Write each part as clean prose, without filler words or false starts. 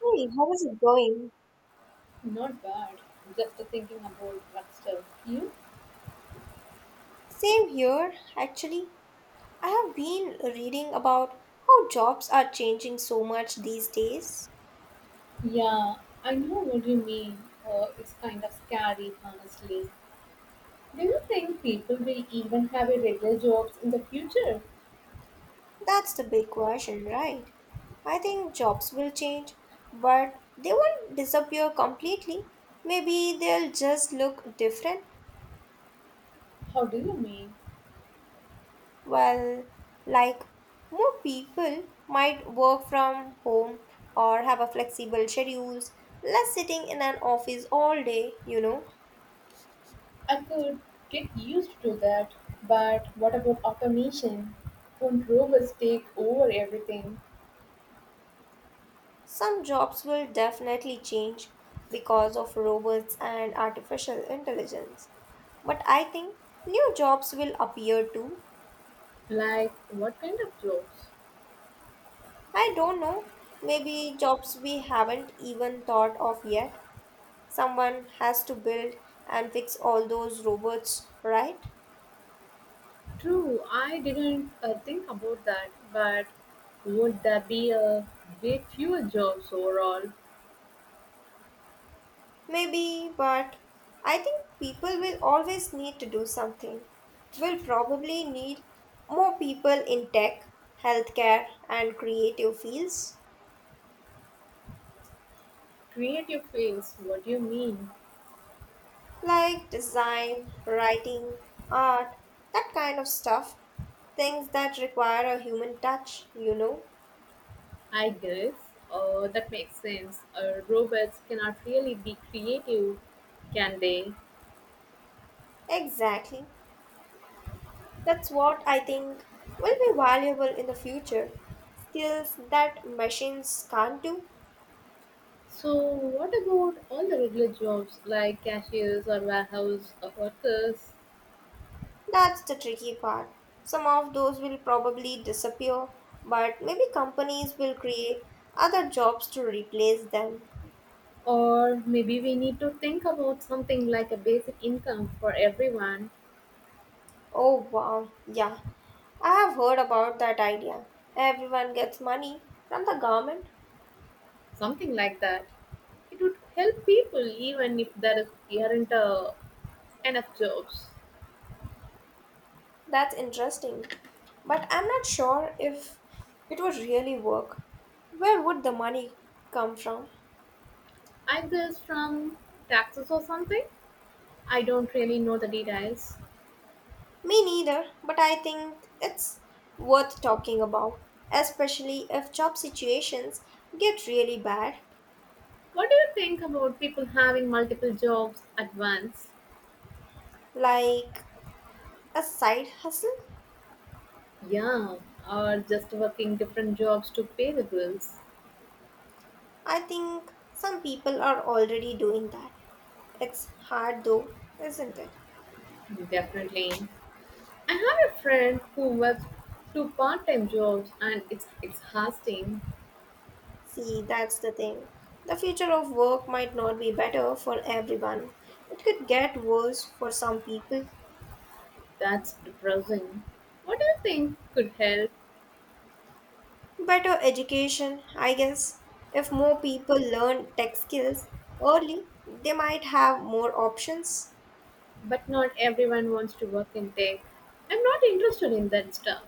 Hey, how is it going? Not bad. Just thinking about that stuff. You? Same here, actually. I have been reading about how jobs are changing so much these days. Yeah, I know what you mean. It's kind of scary, honestly. Do you think people will even have a regular jobs in the future? That's the big question, right? I think jobs will change, but they won't disappear completely. Maybe they'll just look different. How do you mean? Well, like more people might work from home or have a flexible schedules, less sitting in an office all day. I could get used to that. But what about automation? Won't robots take over everything? Some jobs will definitely change because of robots and artificial intelligence. But I think new jobs will appear too. Like, what kind of jobs? I don't know. Maybe jobs we haven't even thought of yet. Someone has to build and fix all those robots, right? True, I didn't think about that, but would there be a bit fewer jobs overall? Maybe, but I think people will always need to do something. We'll probably need more people in tech, healthcare, and creative fields. Creative fields, what do you mean? Like design, writing, art, that kind of stuff. Things that require a human touch? I guess that makes sense. Robots cannot really be creative, can they? Exactly. That's what I think will be valuable in the future. Skills that machines can't do, So, what about all the regular jobs like cashiers or warehouse or workers? that's the tricky part. Some of those will probably disappear, but maybe companies will create other jobs to replace them. Or maybe we need to think about something like a basic income for everyone, Oh wow, yeah, I have heard about that idea. Everyone gets money from the government. something like that. It would help people even if there is, aren't enough jobs. That's interesting. But I'm not sure if it would really work. Where would the money come from? I guess from taxes or something. I don't really know the details. Me neither, but I think it's worth talking about, especially if job situations get really bad, What do you think about people having multiple jobs at once? like a side hustle. Yeah, or just working different jobs to pay the bills. I think some people are already doing that. It's hard though, isn't it? Definitely. I have a friend who works two part-time jobs and it's exhausting. See, that's the thing. The future of work might not be better for everyone. It could get worse for some people. That's depressing. What do you think could help? Better education, I guess. If more people learn tech skills early, they might have more options. But not everyone wants to work in tech. I'm not interested in that stuff.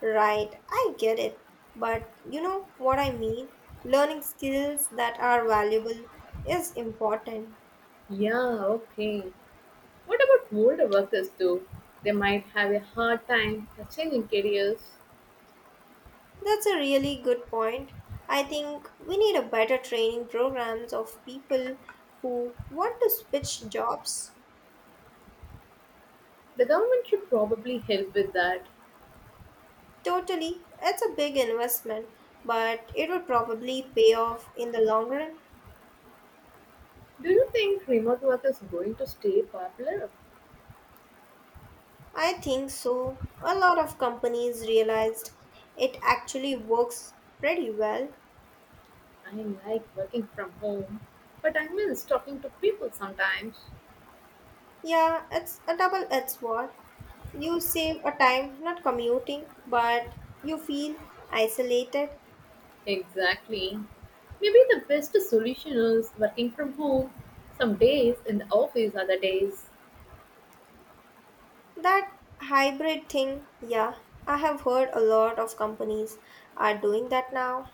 Right, I get it. But you know what I mean? Learning skills that are valuable is important. Yeah, okay. What about older workers though? They might have a hard time changing careers. That's a really good point. I think we need a better training programs of people who want to switch jobs. The government should probably help with that. Totally, it's a big investment, but it would probably pay off in the long run. Do you think remote work is going to stay popular? I think so. A lot of companies realized it actually works pretty well. I like working from home, but I miss talking to people sometimes. Yeah, it's a double-edged sword. You save a time not commuting, but you feel isolated. Exactly. Maybe the best solution is working from home some days in the office, other days. That hybrid thing, yeah, I have heard a lot of companies are doing that now.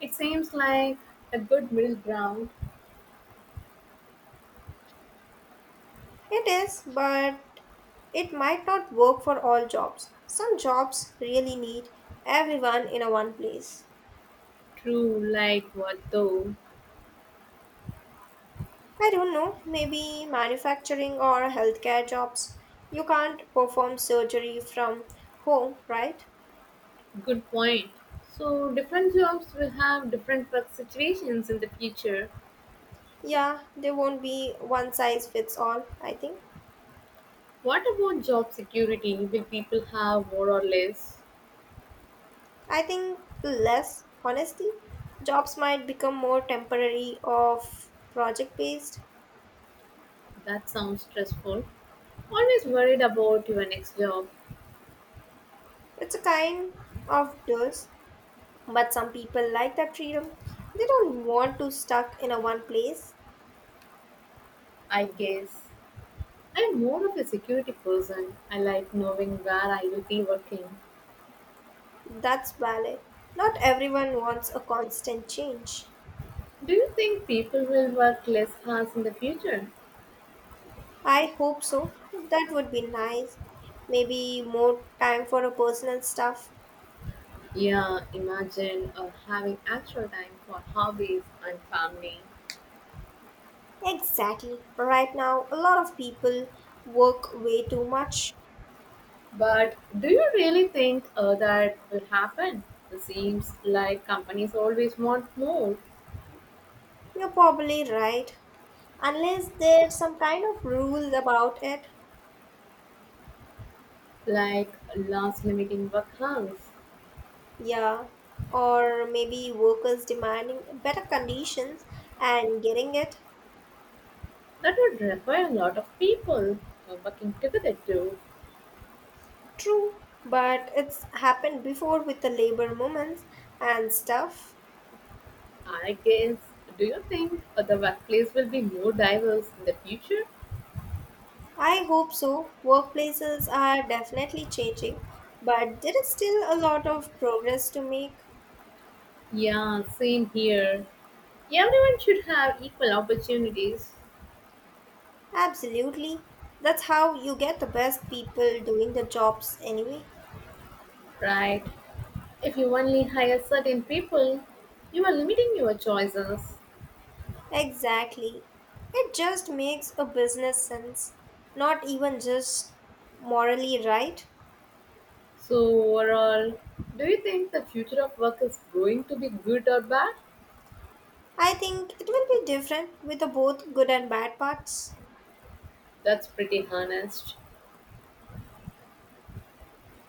It seems like a good middle ground. It is, but it might not work for all jobs. Some jobs really need everyone in a one place. True, like what though? I don't know, maybe manufacturing or healthcare jobs. You can't perform surgery from home, right? Good point. So, different jobs will have different work situations in the future. Yeah, there won't be one size fits all, I think. What about job security? Will people have more or less? I think less honesty. Jobs might become more temporary of project based. That sounds stressful. Always worried about your next job, It's a kind of dust, but some people like that freedom. They don't want to stuck in a one place. I guess. I'm more of a security person. I like knowing where I will be working. That's valid. Not everyone wants a constant change. Do you think people will work less hours in the future? I hope so. That would be nice. Maybe more time for a personal stuff. Yeah, imagine having extra time for hobbies and family. Exactly. Right now, a lot of people work way too much. But do you really think that will happen? It seems like companies always want more, You're probably right. Unless there's some kind of rules about it. like last limiting work hours. Yeah. Or maybe workers demanding better conditions and getting it. That would require a lot of people working together too. True. But it's happened before with the labor movements and stuff. I guess. Do you think the workplace will be more diverse in the future? I hope so. Workplaces are definitely changing, but there is still a lot of progress to make. Yeah, same here. Everyone should have equal opportunities, Absolutely. That's how you get the best people doing the jobs anyway. right? If you only hire certain people, you are limiting your choices. Exactly. It just makes a business sense, not even just morally right. So, overall, do you think the future of work is going to be good or bad? I think it will be different with the both good and bad parts. That's pretty honest.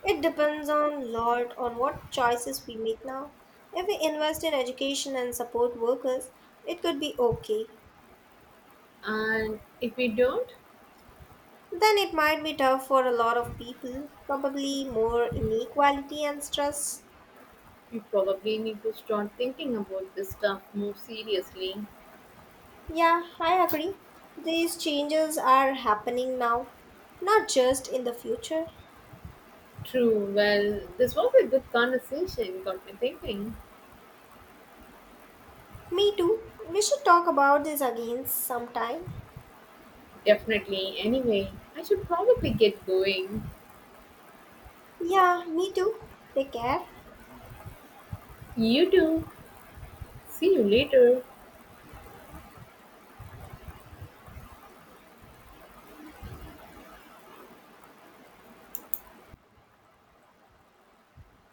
It depends on lot on what choices we make now. If we invest in education and support workers, it could be okay. And if we don't, Then it might be tough for a lot of people, probably more inequality and stress. we probably need to start thinking about this stuff more seriously. Yeah, I agree. These changes are happening now, not just in the future. True, well, this was a good conversation, got me thinking. Me too. We should talk about this again sometime. Definitely, anyway, I should probably get going. Yeah, me too. Take care. You too. See you later.